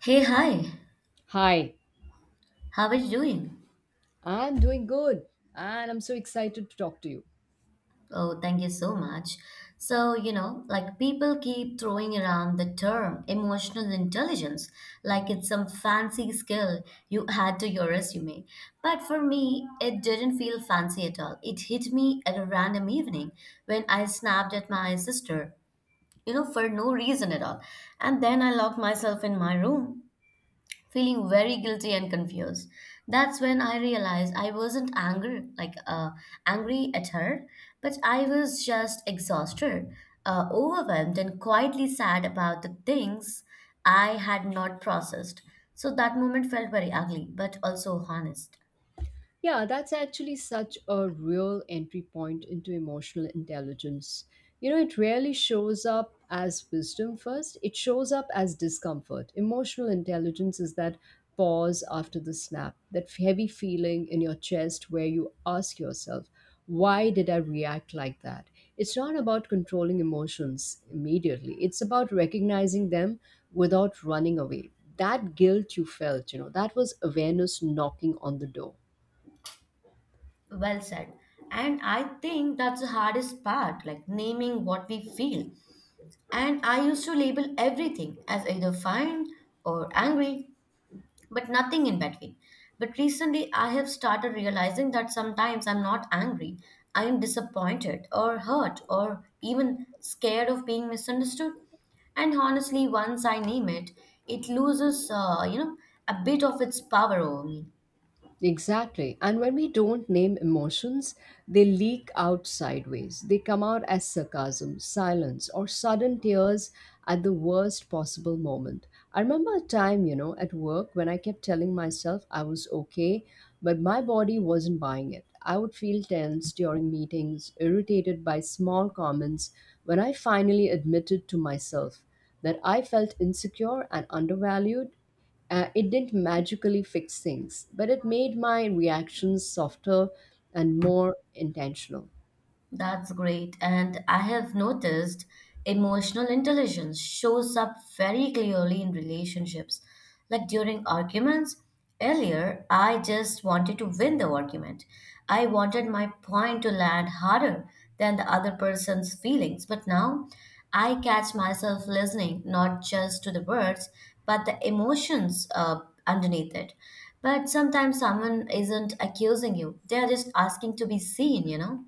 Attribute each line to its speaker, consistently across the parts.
Speaker 1: Hey, hi.
Speaker 2: Hi,
Speaker 1: How are you doing?
Speaker 2: I'm doing good and I'm so excited to talk to you.
Speaker 1: Oh, thank you so much. So, like people keep throwing around the term emotional intelligence like it's some fancy skill you add to your resume. But for me, it didn't feel fancy at all. It hit me at a random evening when I snapped at my sister, for no reason at all. And then I locked myself in my room feeling very guilty and confused. That's when I realized I wasn't angry, angry at her, but I was just exhausted, overwhelmed, and quietly sad about the things I had not processed. So that moment felt very ugly, but also honest.
Speaker 2: Yeah, that's actually such a real entry point into emotional intelligence. You know, it rarely shows up as wisdom first, it shows up as discomfort. Emotional intelligence is that pause after the snap, that heavy feeling in your chest where you ask yourself, why did I react like that? It's not about controlling emotions immediately, it's about recognizing them without running away. That guilt you felt, you know, that was awareness knocking on the door.
Speaker 1: Well said. And I think that's the hardest part, like naming what we feel. And I used to label everything as either fine or angry but nothing in between. But recently, I have started realizing that sometimes I'm not angry, I am disappointed or hurt or even scared of being misunderstood. And honestly, once I name it, it loses a bit of its power over me.
Speaker 2: Exactly. And when we don't name emotions, they leak out sideways. They come out as sarcasm, silence, or sudden tears at the worst possible moment. I remember a time, you know, at work when I kept telling myself I was okay, but my body wasn't buying it. I would feel tense during meetings, irritated by small comments when I finally admitted to myself that I felt insecure and undervalued. It didn't magically fix things, but it made my reactions softer and more intentional.
Speaker 1: That's great. And I have noticed emotional intelligence shows up very clearly in relationships. Like during arguments, earlier, I just wanted to win the argument. I wanted my point to land harder than the other person's feelings. But now, I catch myself listening not just to the words, but the emotions underneath it. But sometimes someone isn't accusing you, they're just asking to be seen, you know?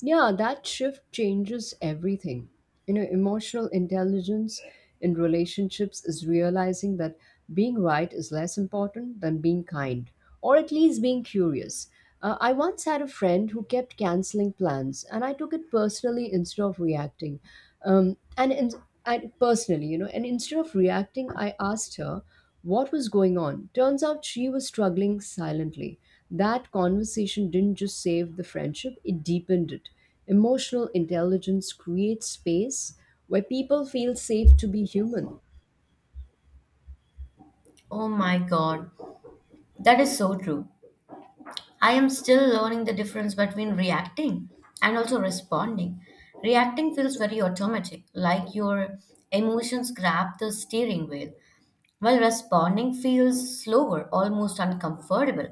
Speaker 2: Yeah, that shift changes everything. You know, emotional intelligence in relationships is realizing that being right is less important than being kind, or at least being curious. I once had a friend who kept canceling plans, and I took it personally instead of reacting. And, in, and personally, you know, And instead of reacting, I asked her what was going on. Turns out she was struggling silently. That conversation didn't just save the friendship, it deepened it. Emotional intelligence creates space where people feel safe to be human.
Speaker 1: Oh my God, that is so true. I am still learning the difference between reacting and also responding. Reacting feels very automatic, like your emotions grab the steering wheel, while responding feels slower, almost uncomfortable,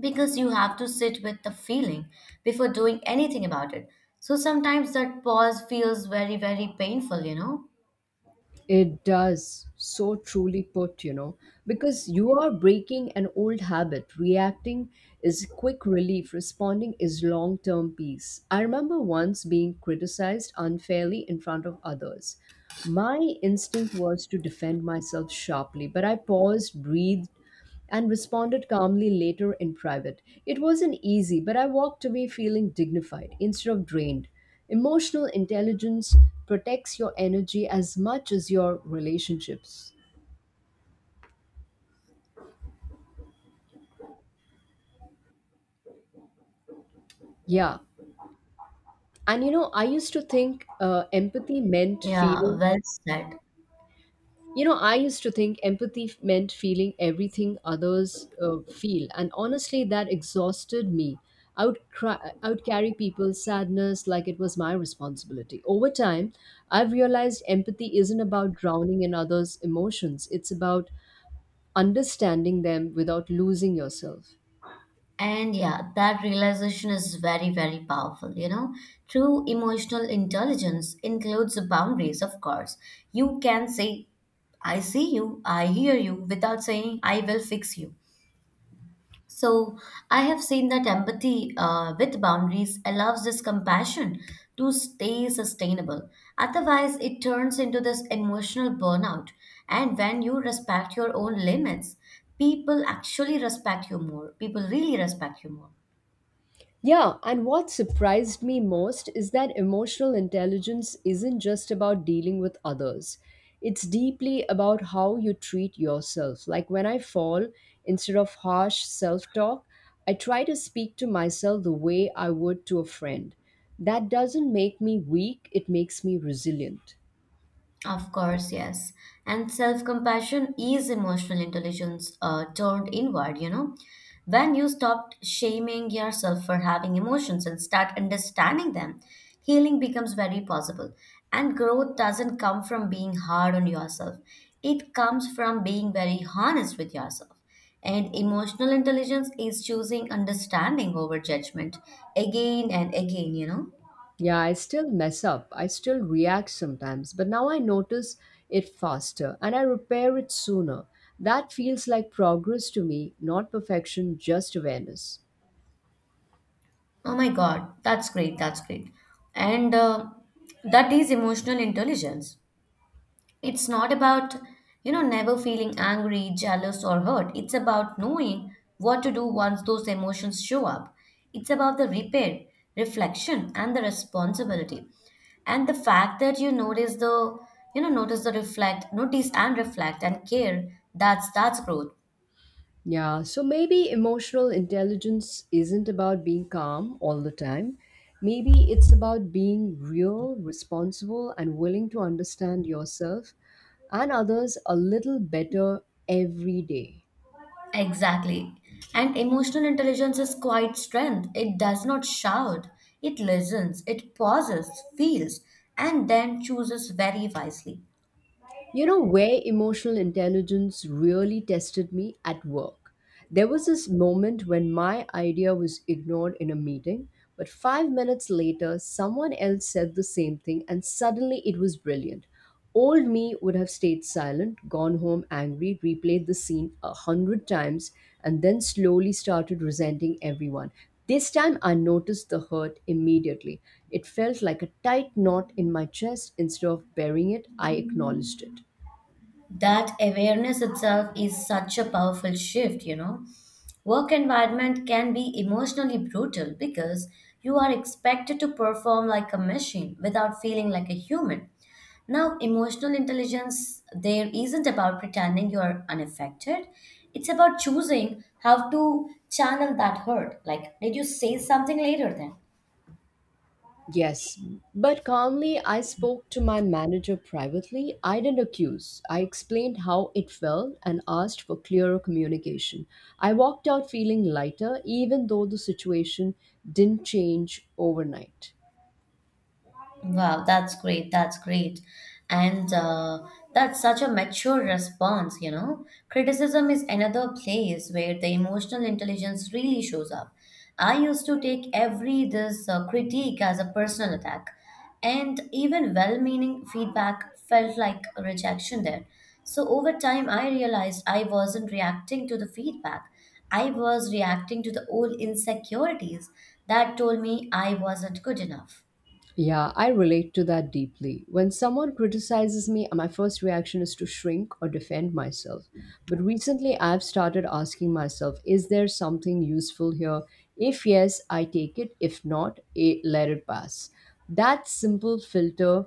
Speaker 1: because you have to sit with the feeling before doing anything about it. So sometimes that pause feels very, very painful, you know?
Speaker 2: It does. So truly put, you know, because you are breaking an old habit. Reacting is quick relief, responding is long term peace. I remember once being criticized unfairly in front of others. My instinct was to defend myself sharply, but I paused, breathed, and responded calmly later in private. It wasn't easy, but I walked away feeling dignified instead of drained. Emotional intelligence protects your energy as much as your relationships. Yeah. And you know, I used to think empathy meant
Speaker 1: Yeah,
Speaker 2: feeling
Speaker 1: well said.
Speaker 2: you know, I used to think meant feeling everything others feel, and honestly, that exhausted me. I would cry, I would carry people's sadness like it was my responsibility. Over time, I've realized empathy isn't about drowning in others' emotions; it's about understanding them without losing yourself.
Speaker 1: And yeah, that realization is very, very powerful. True emotional intelligence includes boundaries, of course. You can say, I see you, I hear you, without saying, I will fix you. So, I have seen that empathy with boundaries allows this compassion to stay sustainable. Otherwise, it turns into this emotional burnout. And when you respect your own limits, people actually respect you more. People really respect you more.
Speaker 2: Yeah, and what surprised me most is that emotional intelligence isn't just about dealing with others. It's deeply about how you treat yourself. Like when I fall, instead of harsh self talk, I try to speak to myself the way I would to a friend. That doesn't make me weak, it makes me resilient.
Speaker 1: Of course, yes. And self compassion is emotional intelligence turned inward. When you stop shaming yourself for having emotions and start understanding them, healing becomes very possible. And growth doesn't come from being hard on yourself, it comes from being very honest with yourself. And emotional intelligence is choosing understanding over judgment again and again.
Speaker 2: Yeah, I still mess up. I still react sometimes, but now I notice it faster and I repair it sooner. That feels like progress to me, not perfection, just awareness.
Speaker 1: Oh my God, that's great, that's great. And That is emotional intelligence. It's not about, never feeling angry, jealous, or hurt. It's about knowing what to do once those emotions show up. It's about the repair, reflection, and the responsibility. And the fact that you notice notice the notice and reflect and care, that's growth.
Speaker 2: Yeah, so maybe emotional intelligence isn't about being calm all the time. Maybe it's about being real, responsible, and willing to understand yourself and others a little better every day.
Speaker 1: Exactly. And emotional intelligence is quite strength. It does not shout, it listens, it pauses, feels, and then chooses very wisely.
Speaker 2: You know where emotional intelligence really tested me at work. There was this moment when my idea was ignored in a meeting, but 5 minutes later, someone else said the same thing, and suddenly it was brilliant. Old me would have stayed silent, gone home angry, replayed the scene 100 times, and then slowly started resenting everyone. This time I noticed the hurt immediately. It felt like a tight knot in my chest. Instead of burying it, I acknowledged it.
Speaker 1: That awareness itself is such a powerful shift, you know. Work environment can be emotionally brutal because you are expected to perform like a machine without feeling like a human. Now emotional intelligence there isn't about pretending you are unaffected, it's about choosing how to channel that hurt. Like, did you say something later then?
Speaker 2: Yes, but calmly I spoke to my manager privately. I didn't accuse. I explained how it felt and asked for clearer communication. I walked out feeling lighter, even though the situation didn't change overnight.
Speaker 1: Wow, that's great. That's great. And That's such a mature response, you know. Criticism is another place where the emotional intelligence really shows up. I used to take every this critique as a personal attack, and even well-meaning feedback felt like a rejection there. So over time, I realized I wasn't reacting to the feedback. I was reacting to the old insecurities that told me I wasn't good enough.
Speaker 2: Yeah, I relate to that deeply. When someone criticizes me, my first reaction is to shrink or defend myself. But recently, I've started asking myself, is there something useful here? If yes, I take it. If not, let it pass. That simple filter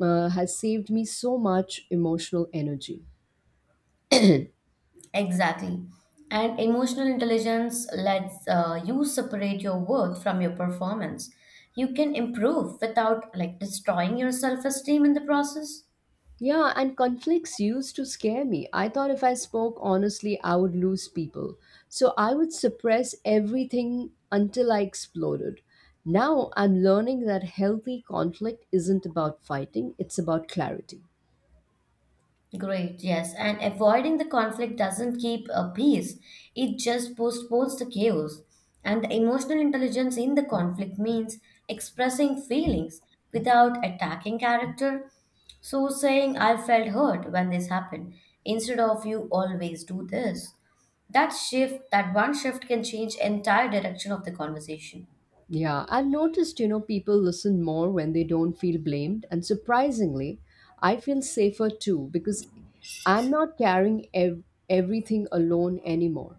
Speaker 2: has saved me so much emotional energy.
Speaker 1: Exactly. And emotional intelligence lets you separate your worth from your performance. You can improve without like destroying your self-esteem in the process.
Speaker 2: Yeah, and conflicts used to scare me. I thought if I spoke honestly, I would lose people. So I would suppress everything until I exploded. Now I'm learning that healthy conflict isn't about fighting, it's about clarity.
Speaker 1: Great, yes. And avoiding the conflict doesn't keep a peace, it just postpones the chaos. And the emotional intelligence in the conflict means expressing feelings without attacking character. So, saying, I felt hurt when this happened, instead of you always do this. That shift, that one shift can change entire direction of the conversation.
Speaker 2: Yeah, I've noticed, you know, people listen more when they don't feel blamed. And surprisingly, I feel safer too because I'm not carrying everything alone anymore.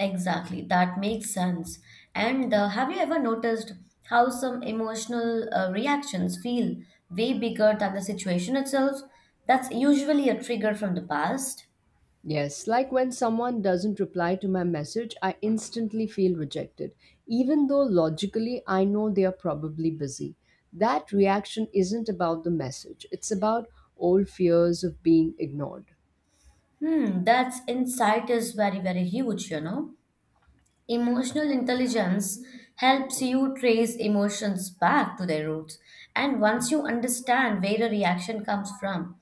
Speaker 1: Exactly, that makes sense. And Have you ever noticed how some emotional reactions feel way bigger than the situation itself? That's usually a trigger from the past.
Speaker 2: Yes, like when someone doesn't reply to my message, I instantly feel rejected, even though logically I know they are probably busy. That reaction isn't about the message, it's about old fears of being ignored.
Speaker 1: Hmm, that's insight is very, very huge, you know. Emotional intelligence helps you trace emotions back to their roots. And once you understand where a reaction comes from,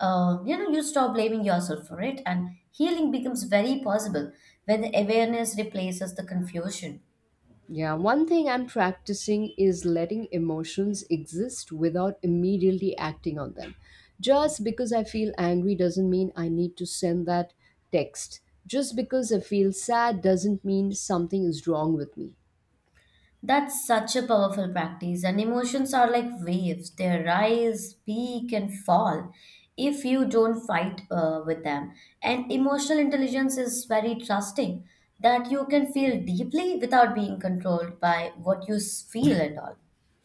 Speaker 1: you stop blaming yourself for it, and healing becomes very possible when the awareness replaces the confusion.
Speaker 2: Yeah, one thing I'm practicing is letting emotions exist without immediately acting on them. Just because I feel angry doesn't mean I need to send that text. Just because I feel sad doesn't mean something is wrong with me.
Speaker 1: That's such a powerful practice, and emotions are like waves. They rise, peak, and fall if you don't fight with them. And emotional intelligence is very trusting that you can feel deeply without being controlled by what you feel and all.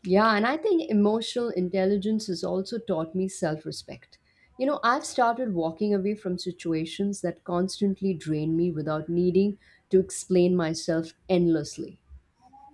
Speaker 2: Yeah, and I think emotional intelligence has also taught me self respect. You know, I've started walking away from situations that constantly drain me without needing to explain myself endlessly.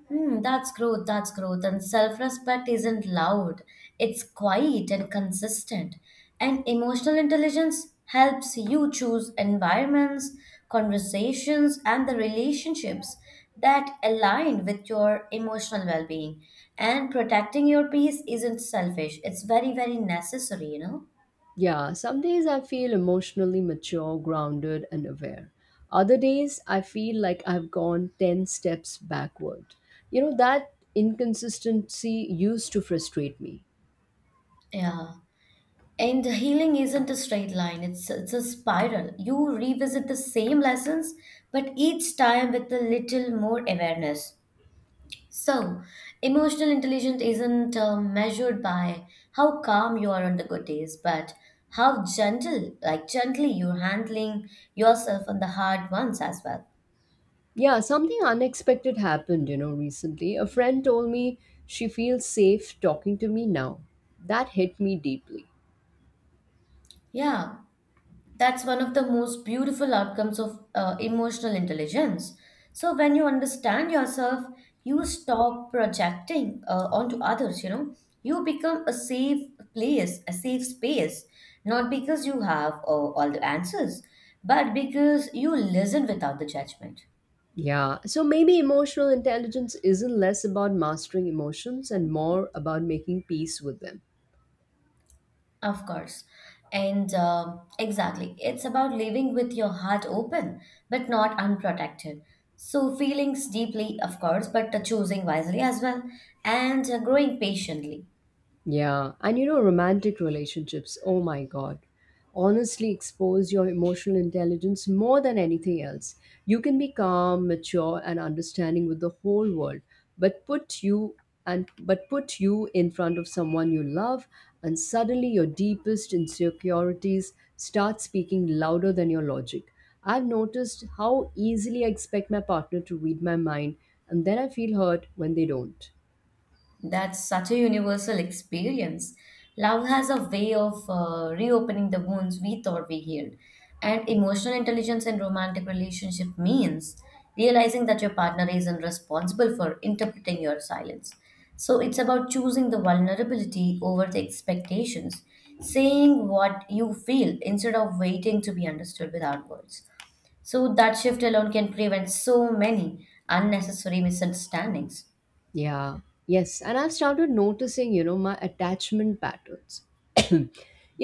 Speaker 1: Hmm, that's growth, that's growth. And self respect isn't loud, it's quiet and consistent. And emotional intelligence helps you choose environments, conversations, and the relationships that align with your emotional well being. And protecting your peace isn't selfish, it's very, very necessary, you know?
Speaker 2: Yeah, some days I feel emotionally mature, grounded, and aware. Other days I feel like I've gone 10 steps backward. You know, that inconsistency used to frustrate me.
Speaker 1: Yeah. And healing isn't a straight line, it's a spiral. You revisit the same lessons, but each time with a little more awareness. So, emotional intelligence isn't measured by how calm you are on the good days, but how gentle, like gently, you're handling yourself on the hard ones as well.
Speaker 2: Yeah, something unexpected happened, you know, recently. A friend told me she feels safe talking to me now. That hit me deeply.
Speaker 1: Yeah, that's one of the most beautiful outcomes of emotional intelligence. So when you understand yourself, you stop projecting onto others, you know. You become a safe place, a safe space, not because you have all the answers, but because you listen without the judgment.
Speaker 2: Yeah, so maybe emotional intelligence isn't less about mastering emotions and more about making peace with them.
Speaker 1: Of course. And exactly, it's about living with your heart open but not unprotected. So, feelings deeply, of course, but choosing wisely as well and growing patiently.
Speaker 2: Yeah, and you know, romantic relationships, oh my God, honestly expose your emotional intelligence more than anything else. You can be calm, mature, and understanding with the whole world, but put you but put you in front of someone you love, and suddenly your deepest insecurities start speaking louder than your logic. I've noticed how easily I expect my partner to read my mind, and then I feel hurt when they don't.
Speaker 1: That's such a universal experience. Love has a way of reopening the wounds we thought we healed. And emotional intelligence in romantic relationship means realizing that your partner isn't responsible for interpreting your silence. So it's about choosing the vulnerability over the expectations, saying what you feel instead of waiting to be understood without words. So that shift alone can prevent so many unnecessary misunderstandings.
Speaker 2: Yeah, yes. And I've started noticing, you know, my attachment patterns. you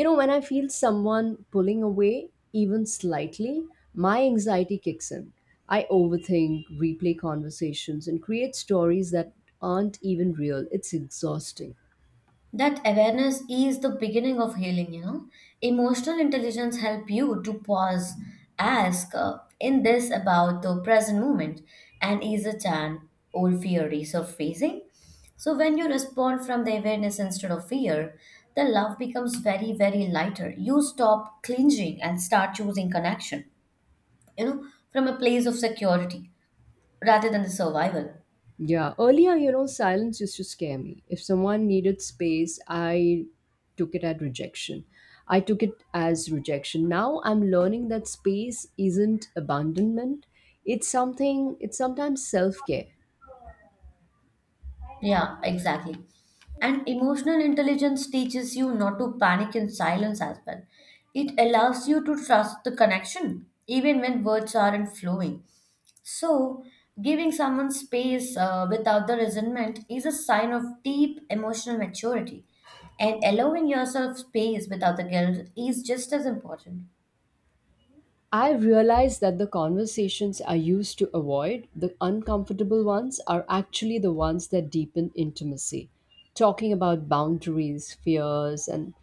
Speaker 2: know, when I feel someone pulling away, even slightly, my anxiety kicks in. I overthink, replay conversations, and create stories that aren't even real. It's exhausting.
Speaker 1: That awareness is the beginning of healing, you know. Emotional intelligence help you to pause, ask, in this about the present moment, and is a chance old fear resurfacing. So when you respond from the awareness instead of fear, the love becomes very very lighter. You stop clinging and start choosing connection, you know, from a place of security rather than the survival.
Speaker 2: Yeah, earlier, you know, silence used to scare me. If someone needed space, I took it at rejection. I took it as rejection. Now I'm learning that space isn't abandonment. It's something, it's sometimes self-care.
Speaker 1: Yeah, exactly. And emotional intelligence teaches you not to panic in silence as well. It allows you to trust the connection, even when words aren't flowing. So, giving someone space without the resentment is a sign of deep emotional maturity. And allowing yourself space without the guilt is just as important.
Speaker 2: I realized that the conversations I used to avoid, the uncomfortable ones, are actually the ones that deepen intimacy. Talking about boundaries, fears, and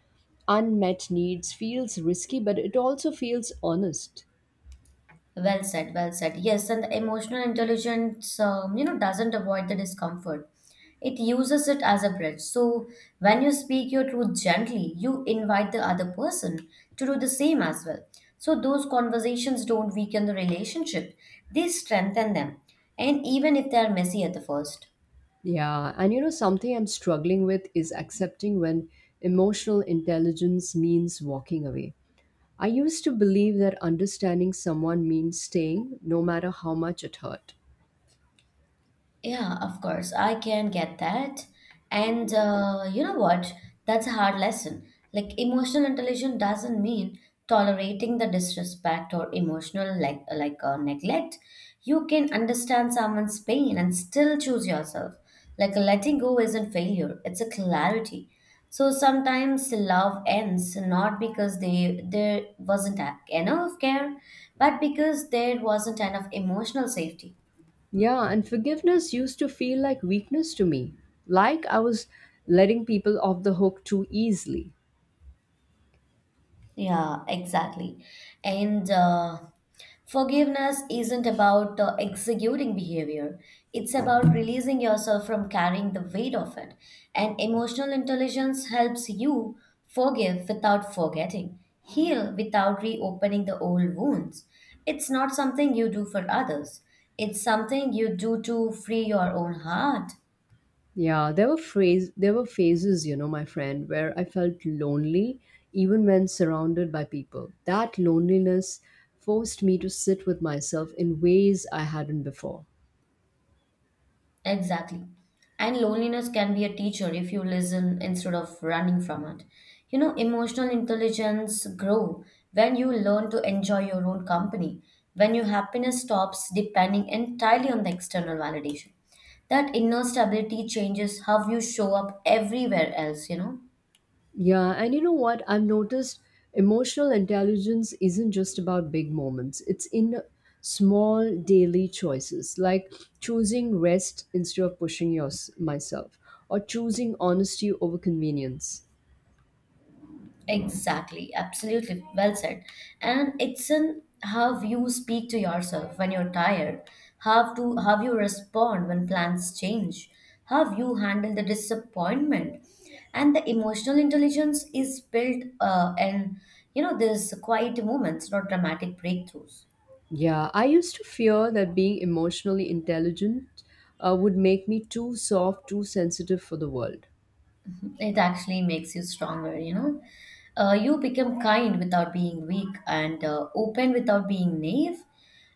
Speaker 2: unmet needs feels risky, but it also feels honest.
Speaker 1: Well said, well said. Yes, and the emotional intelligence, doesn't avoid the discomfort. It uses it as a bridge. So when you speak your truth gently, you invite the other person to do the same as well. So those conversations don't weaken the relationship; they strengthen them. And even if they are messy at the first.
Speaker 2: Yeah, and you know, something I'm struggling with is accepting when emotional intelligence means walking away. I used to believe that understanding someone means staying, no matter how much it hurt.
Speaker 1: Yeah, of course, I can get that. And You know what? That's a hard lesson. Like, emotional intelligence doesn't mean tolerating the disrespect or emotional like neglect. You can understand someone's pain and still choose yourself. Like, letting go isn't failure; it's a clarity. So sometimes love ends not because they there wasn't enough care, but because there wasn't enough emotional safety.
Speaker 2: Yeah, and forgiveness used to feel like weakness to me, like I was letting people off the hook too easily.
Speaker 1: Yeah, exactly. And Forgiveness isn't about executing behavior, it's about releasing yourself from carrying the weight of it. And emotional intelligence helps you forgive without forgetting, heal without reopening the old wounds. It's not something you do for others, it's something you do to free your own heart.
Speaker 2: Yeah, there were phases, you know, my friend, where I felt lonely even when surrounded by people. That loneliness forced me to sit with myself in ways I hadn't before.
Speaker 1: Exactly. And loneliness can be a teacher if you listen instead of running from it. You know, emotional intelligence grow when you learn to enjoy your own company, when your happiness stops depending entirely on the external validation. That inner stability changes how you show up everywhere else, you know.
Speaker 2: Yeah, and you know what? I've noticed emotional intelligence isn't just about big moments. It's in small daily choices, like choosing rest instead of pushing yours myself or choosing honesty over convenience.
Speaker 1: Exactly, absolutely, well said. And it's in how you speak to yourself when you're tired, how you respond when plans change, how you handle the disappointment, and the emotional intelligence is built in you know these quiet moments, not dramatic breakthroughs.
Speaker 2: Yeah, I used to fear that being emotionally intelligent would make me too soft, too sensitive for the world.
Speaker 1: It actually makes you stronger, you know. You become kind without being weak and open without being naive.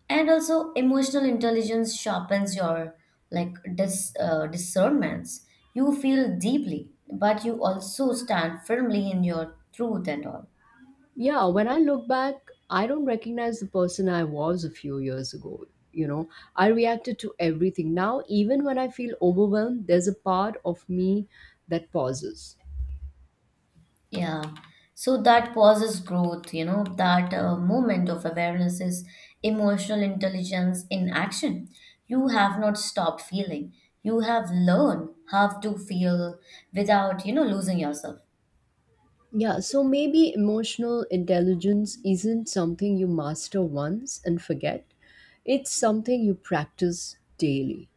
Speaker 1: And also, emotional intelligence sharpens your discernments. You feel deeply, but you also stand firmly in your truth and all.
Speaker 2: Yeah, when I look back, I don't recognize the person I was a few years ago. You know, I reacted to everything. Now, even when I feel overwhelmed, there's a part of me that pauses.
Speaker 1: Yeah. So that pauses growth, you know, that moment of awareness is emotional intelligence in action. You have not stopped feeling. You have learned how to feel without, you know, losing yourself.
Speaker 2: Yeah, so maybe emotional intelligence isn't something you master once and forget, it's something you practice daily.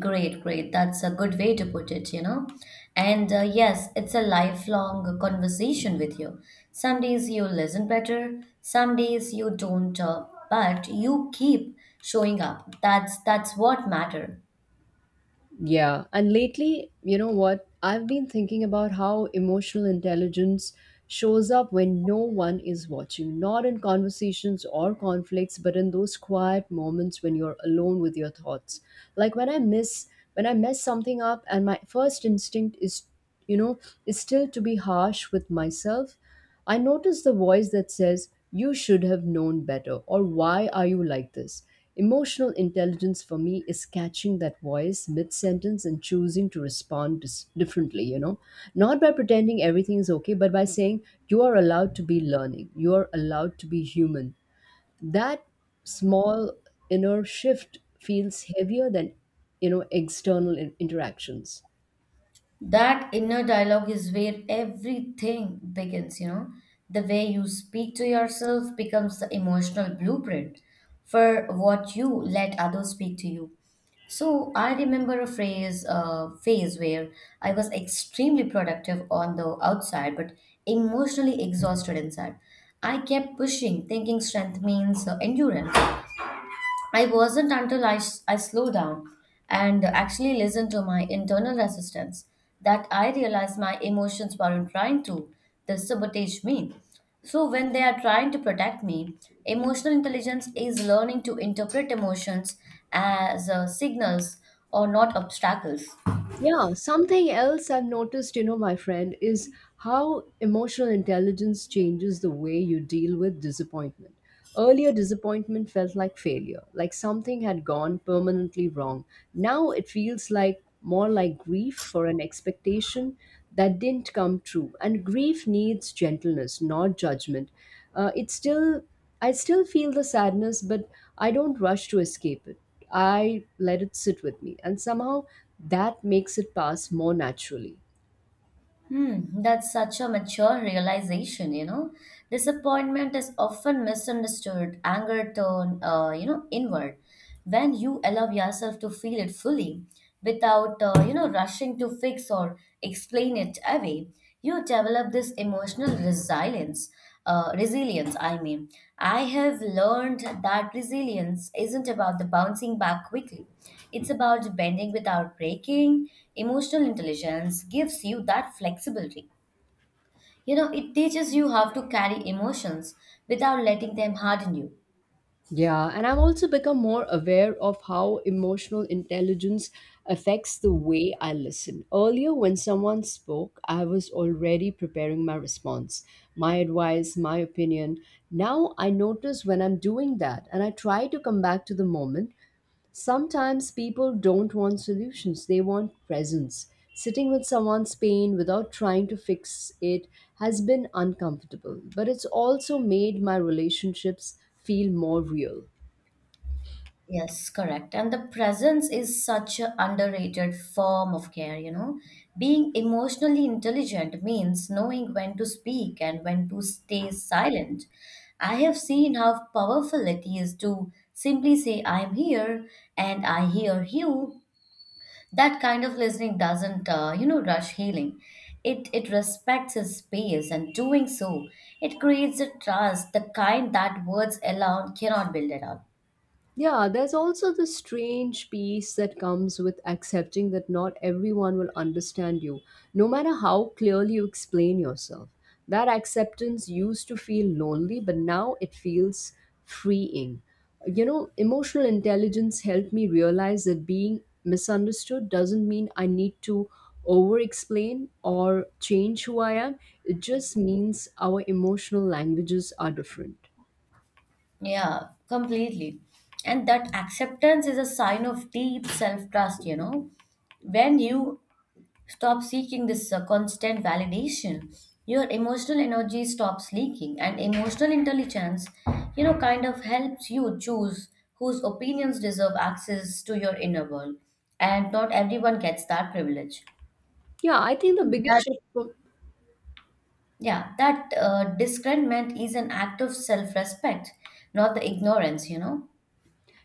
Speaker 1: Great, great. That's a good way to put it, you know. And yes, it's a lifelong conversation with you. Some days you listen better, some days you don't, but you keep showing up. That's what matter.
Speaker 2: Yeah, and lately, you know what? I've been thinking about how emotional intelligence shows up when no one is watching, not in conversations or conflicts, but in those quiet moments when you're alone with your thoughts. Like when I mess something up and my first instinct is you know, is still to be harsh with myself. I notice the voice that says, you should have known better, or why are you like this? Emotional intelligence for me is catching that voice mid sentence and choosing to respond differently, you know. Not by pretending everything is okay, but by saying, you are allowed to be learning, you are allowed to be human. That small inner shift feels heavier than, you know, external interactions.
Speaker 1: That inner dialogue is where everything begins, you know. The way you speak to yourself becomes the emotional blueprint for what you let others speak to you. So I remember a phrase phase where I was extremely productive on the outside but emotionally exhausted inside. I kept pushing, thinking strength means endurance. I wasn't until I, s- I slowed down and actually listened to my internal resistance, that I realized my emotions weren't trying to sabotage me. So, when they are trying to protect me, emotional intelligence is learning to interpret emotions as signals or not obstacles.
Speaker 2: Yeah, something else I've noticed, you know, my friend, is how emotional intelligence changes the way you deal with disappointment. Earlier, disappointment felt like failure, like something had gone permanently wrong. Now it feels like more like grief for an expectation that didn't come true. And grief needs gentleness, not judgment. It still I still feel the sadness, but I don't rush to escape it. I let it sit with me, and somehow that makes it pass more naturally.
Speaker 1: Hmm, that's such a mature realization, you know. Disappointment is often misunderstood, anger turned, you know, inward. When you allow yourself to feel it fully, without, you know, rushing to fix or explain it away, you develop this emotional resilience, I mean. I have learned that resilience isn't about the bouncing back quickly. It's about bending without breaking. Emotional intelligence gives you that flexibility, you know. It teaches you how to carry emotions without letting them harden you.
Speaker 2: Yeah, and I've also become more aware of how emotional intelligence affects the way I listen. Earlier, when someone spoke, I was already preparing my response, my advice, my opinion. Now I notice when I'm doing that and I try to come back to the moment. Sometimes people don't want solutions, they want presence. Sitting with someone's pain without trying to fix it has been uncomfortable, but it's also made my relationships feel more real.
Speaker 1: Yes, correct. And the presence is such an underrated form of care, you know. Being emotionally intelligent means knowing when to speak and when to stay silent. I have seen how powerful it is to simply say, I'm here and I hear you. That kind of listening doesn't, you know, rush healing. It respects his space, and doing so, it creates a trust, the kind that words alone cannot build at all.
Speaker 2: Yeah, there's also the strange peace that comes with accepting that not everyone will understand you, no matter how clearly you explain yourself. That acceptance used to feel lonely, but now it feels freeing. You know, emotional intelligence helped me realize that being misunderstood doesn't mean I need to over explain or change who I am. It just means our emotional languages are different.
Speaker 1: Yeah, completely. And that acceptance is a sign of deep self trust, you know. When you stop seeking this constant validation, your emotional energy stops leaking, and emotional intelligence, you know, kind of helps you choose whose opinions deserve access to your inner world. And not everyone gets that privilege.
Speaker 2: Yeah, I think the biggest
Speaker 1: That,
Speaker 2: shift for.
Speaker 1: yeah, that discernment is an act of self respect, not the ignorance, you know.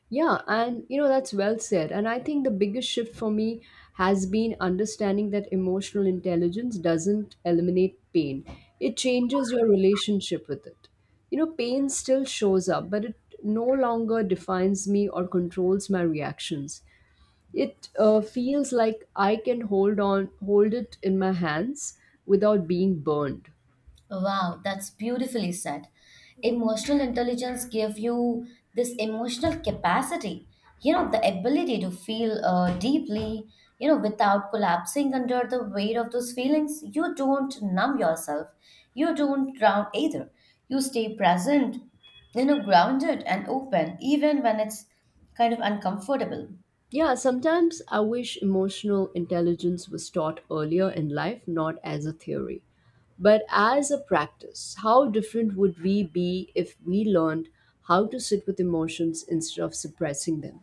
Speaker 2: Yeah, and you know, that's well said. And I think the biggest shift for me has been understanding that emotional intelligence doesn't eliminate pain, it changes your relationship with it. You know, pain still shows up, but it no longer defines me or controls my reactions. It feels like I can hold on, hold it in my hands without being burned.
Speaker 1: Wow, that's beautifully said. Emotional intelligence give you this emotional capacity, you know, the ability to feel deeply, you know, without collapsing under the weight of those feelings. You don't numb yourself. You don't drown either. You stay present, you know, grounded and open, even when it's kind of uncomfortable.
Speaker 2: Yeah, sometimes I wish emotional intelligence was taught earlier in life, not as a theory, but as a practice. How different would we be if we learned how to sit with emotions instead of suppressing them?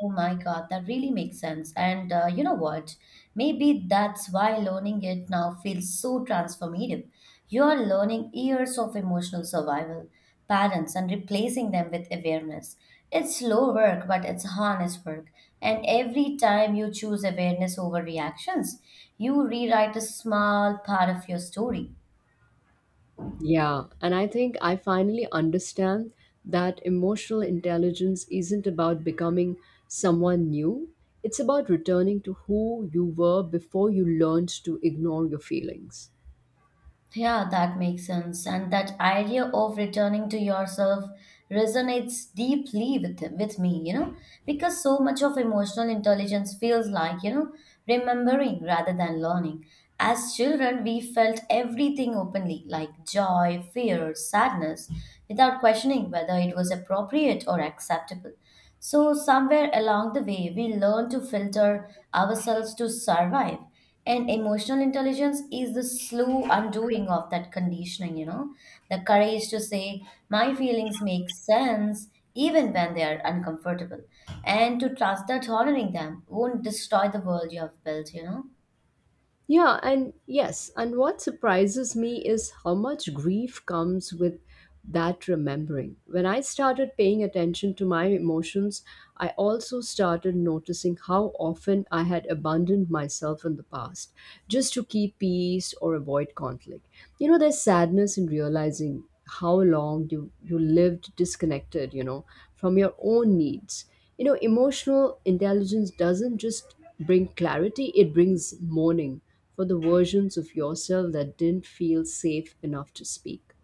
Speaker 1: Oh my God, that really makes sense. And you know what? Maybe that's why learning it now feels so transformative. You are learning years of emotional survival patterns and replacing them with awareness. It's slow work, but it's honest work. And every time you choose awareness over reactions, you rewrite a small part of your story.
Speaker 2: Yeah, and I think I finally understand that emotional intelligence isn't about becoming someone new, it's about returning to who you were before you learned to ignore your feelings.
Speaker 1: Yeah, that makes sense. And that idea of returning to yourself resonates deeply with me, you know, because so much of emotional intelligence feels like, you know, remembering rather than learning. As children, we felt everything openly, like joy, fear, sadness, without questioning whether it was appropriate or acceptable. So, somewhere along the way, we learn to filter ourselves to survive. And emotional intelligence is the slow undoing of that conditioning, you know, the courage to say, my feelings make sense even when they are uncomfortable, and to trust that honoring them won't destroy the world you have built, you know.
Speaker 2: Yeah, and yes, and what surprises me is how much grief comes with that remembering. When I started paying attention to my emotions, I also started noticing how often I had abandoned myself in the past just to keep peace or avoid conflict. You know, there's sadness in realizing how long you lived disconnected, you know, from your own needs. You know, emotional intelligence doesn't just bring clarity, it brings mourning for the versions of yourself that didn't feel safe enough to speak.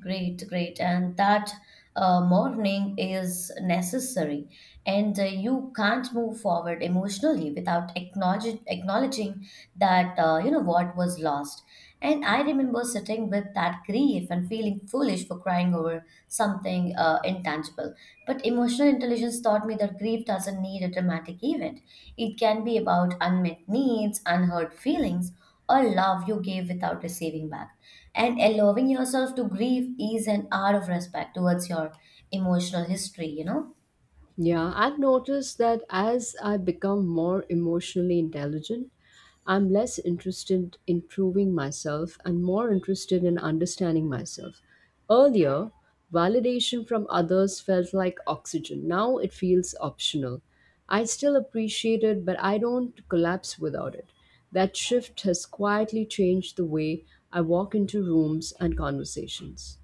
Speaker 1: Great, great. And that mourning is necessary. And you can't move forward emotionally without acknowledging that, you know, what was lost. And I remember sitting with that grief and feeling foolish for crying over something intangible. But emotional intelligence taught me that grief doesn't need a dramatic event, it can be about unmet needs, unheard feelings or love you gave without receiving back. And allowing yourself to grieve is an art of respect towards your emotional history, you know?
Speaker 2: Yeah, I've noticed that as I become more emotionally intelligent, I'm less interested in proving myself and more interested in understanding myself. Earlier, validation from others felt like oxygen. Now it feels optional. I still appreciate it, but I don't collapse without it. That shift has quietly changed the way I walk into rooms and conversations.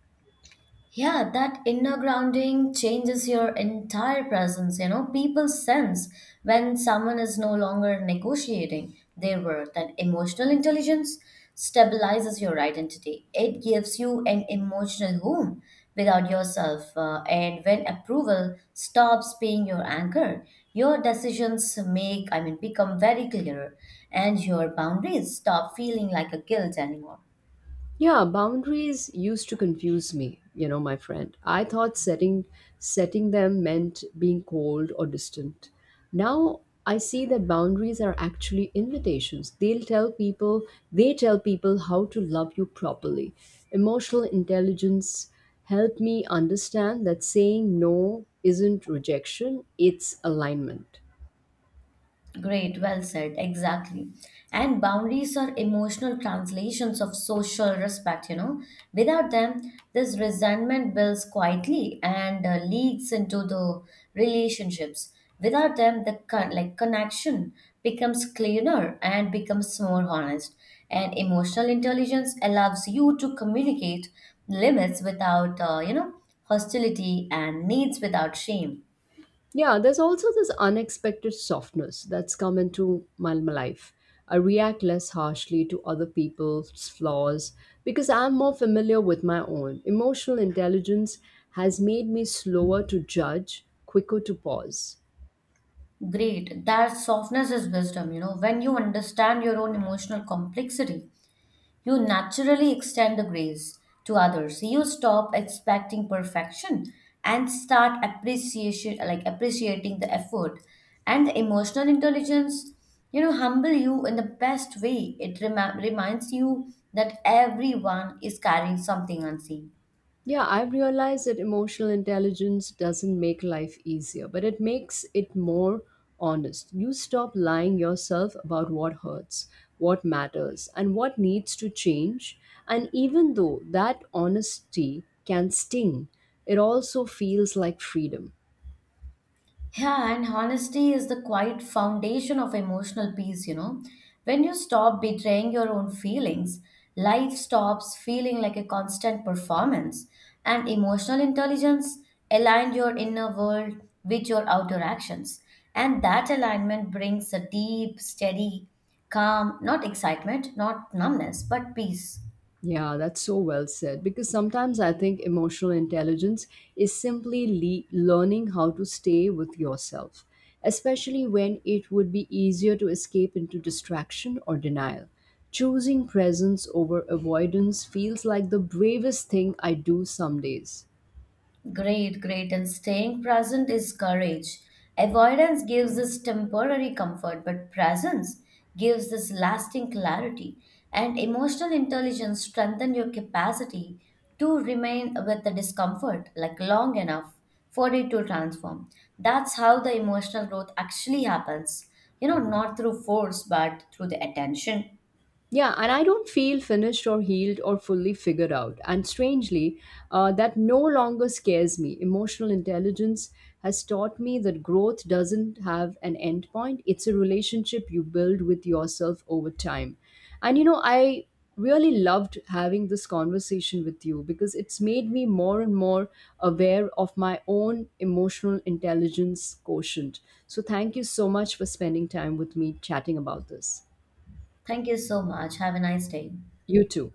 Speaker 1: Yeah, that inner grounding changes your entire presence. You know, people sense when someone is no longer negotiating their worth, and emotional intelligence stabilizes your identity. It gives you an emotional home without yourself. And when approval stops being your anchor, your decisions become very clear, and your boundaries stop feeling like a guilt anymore.
Speaker 2: Yeah, boundaries used to confuse me, you know, my friend. I thought setting them meant being cold or distant. Now I see that boundaries are actually invitations. They'll tell people, they tell people how to love you properly. Emotional intelligence helped me understand that saying no isn't rejection, it's alignment.
Speaker 1: Great, well said, exactly. And boundaries are emotional translations of social respect, you know. Without them, this resentment builds quietly and leaks into the relationships. Without them, the connection becomes cleaner and becomes more honest. And emotional intelligence allows you to communicate limits without, you know, hostility and needs without shame.
Speaker 2: Yeah, there's also this unexpected softness that's come into my life. I react less harshly to other people's flaws because I'm more familiar with my own. Emotional intelligence has made me slower to judge, quicker to pause.
Speaker 1: Great. That softness is wisdom. You know, when you understand your own emotional complexity, you naturally extend the grace to others. You stop expecting perfection and start appreciation like appreciating the effort and the emotional intelligence. You know, humble you in the best way. It reminds you that everyone is carrying something unseen.
Speaker 2: Yeah, I've realized that emotional intelligence doesn't make life easier, but it makes it more honest. You stop lying yourself about what hurts, what matters, and what needs to change. And even though that honesty can sting, it also feels like freedom.
Speaker 1: Yeah, and honesty is the quiet foundation of emotional peace, you know. When you stop betraying your own feelings, life stops feeling like a constant performance. And emotional intelligence aligns your inner world with your outer actions. And that alignment brings a deep, steady, calm, not excitement, not numbness, but peace.
Speaker 2: Yeah, that's so well said. Because sometimes I think emotional intelligence is simply learning how to stay with yourself, especially when it would be easier to escape into distraction or denial. Choosing presence over avoidance feels like the bravest thing I do some days.
Speaker 1: Great, great. And staying present is courage. Avoidance gives us temporary comfort, but presence gives us lasting clarity. And emotional intelligence strengthen your capacity to remain with the discomfort like long enough for it to transform. That's how the emotional growth actually happens. You know, not through force, but through the attention.
Speaker 2: Yeah, and I don't feel finished or healed or fully figured out. And strangely, that no longer scares me. Emotional intelligence has taught me that growth doesn't have an end point, it's a relationship you build with yourself over time. And you know, I really loved having this conversation with you because it's made me more and more aware of my own emotional intelligence quotient. So, thank you so much for spending time with me chatting about this.
Speaker 1: Thank you so much. Have a nice day.
Speaker 2: You too.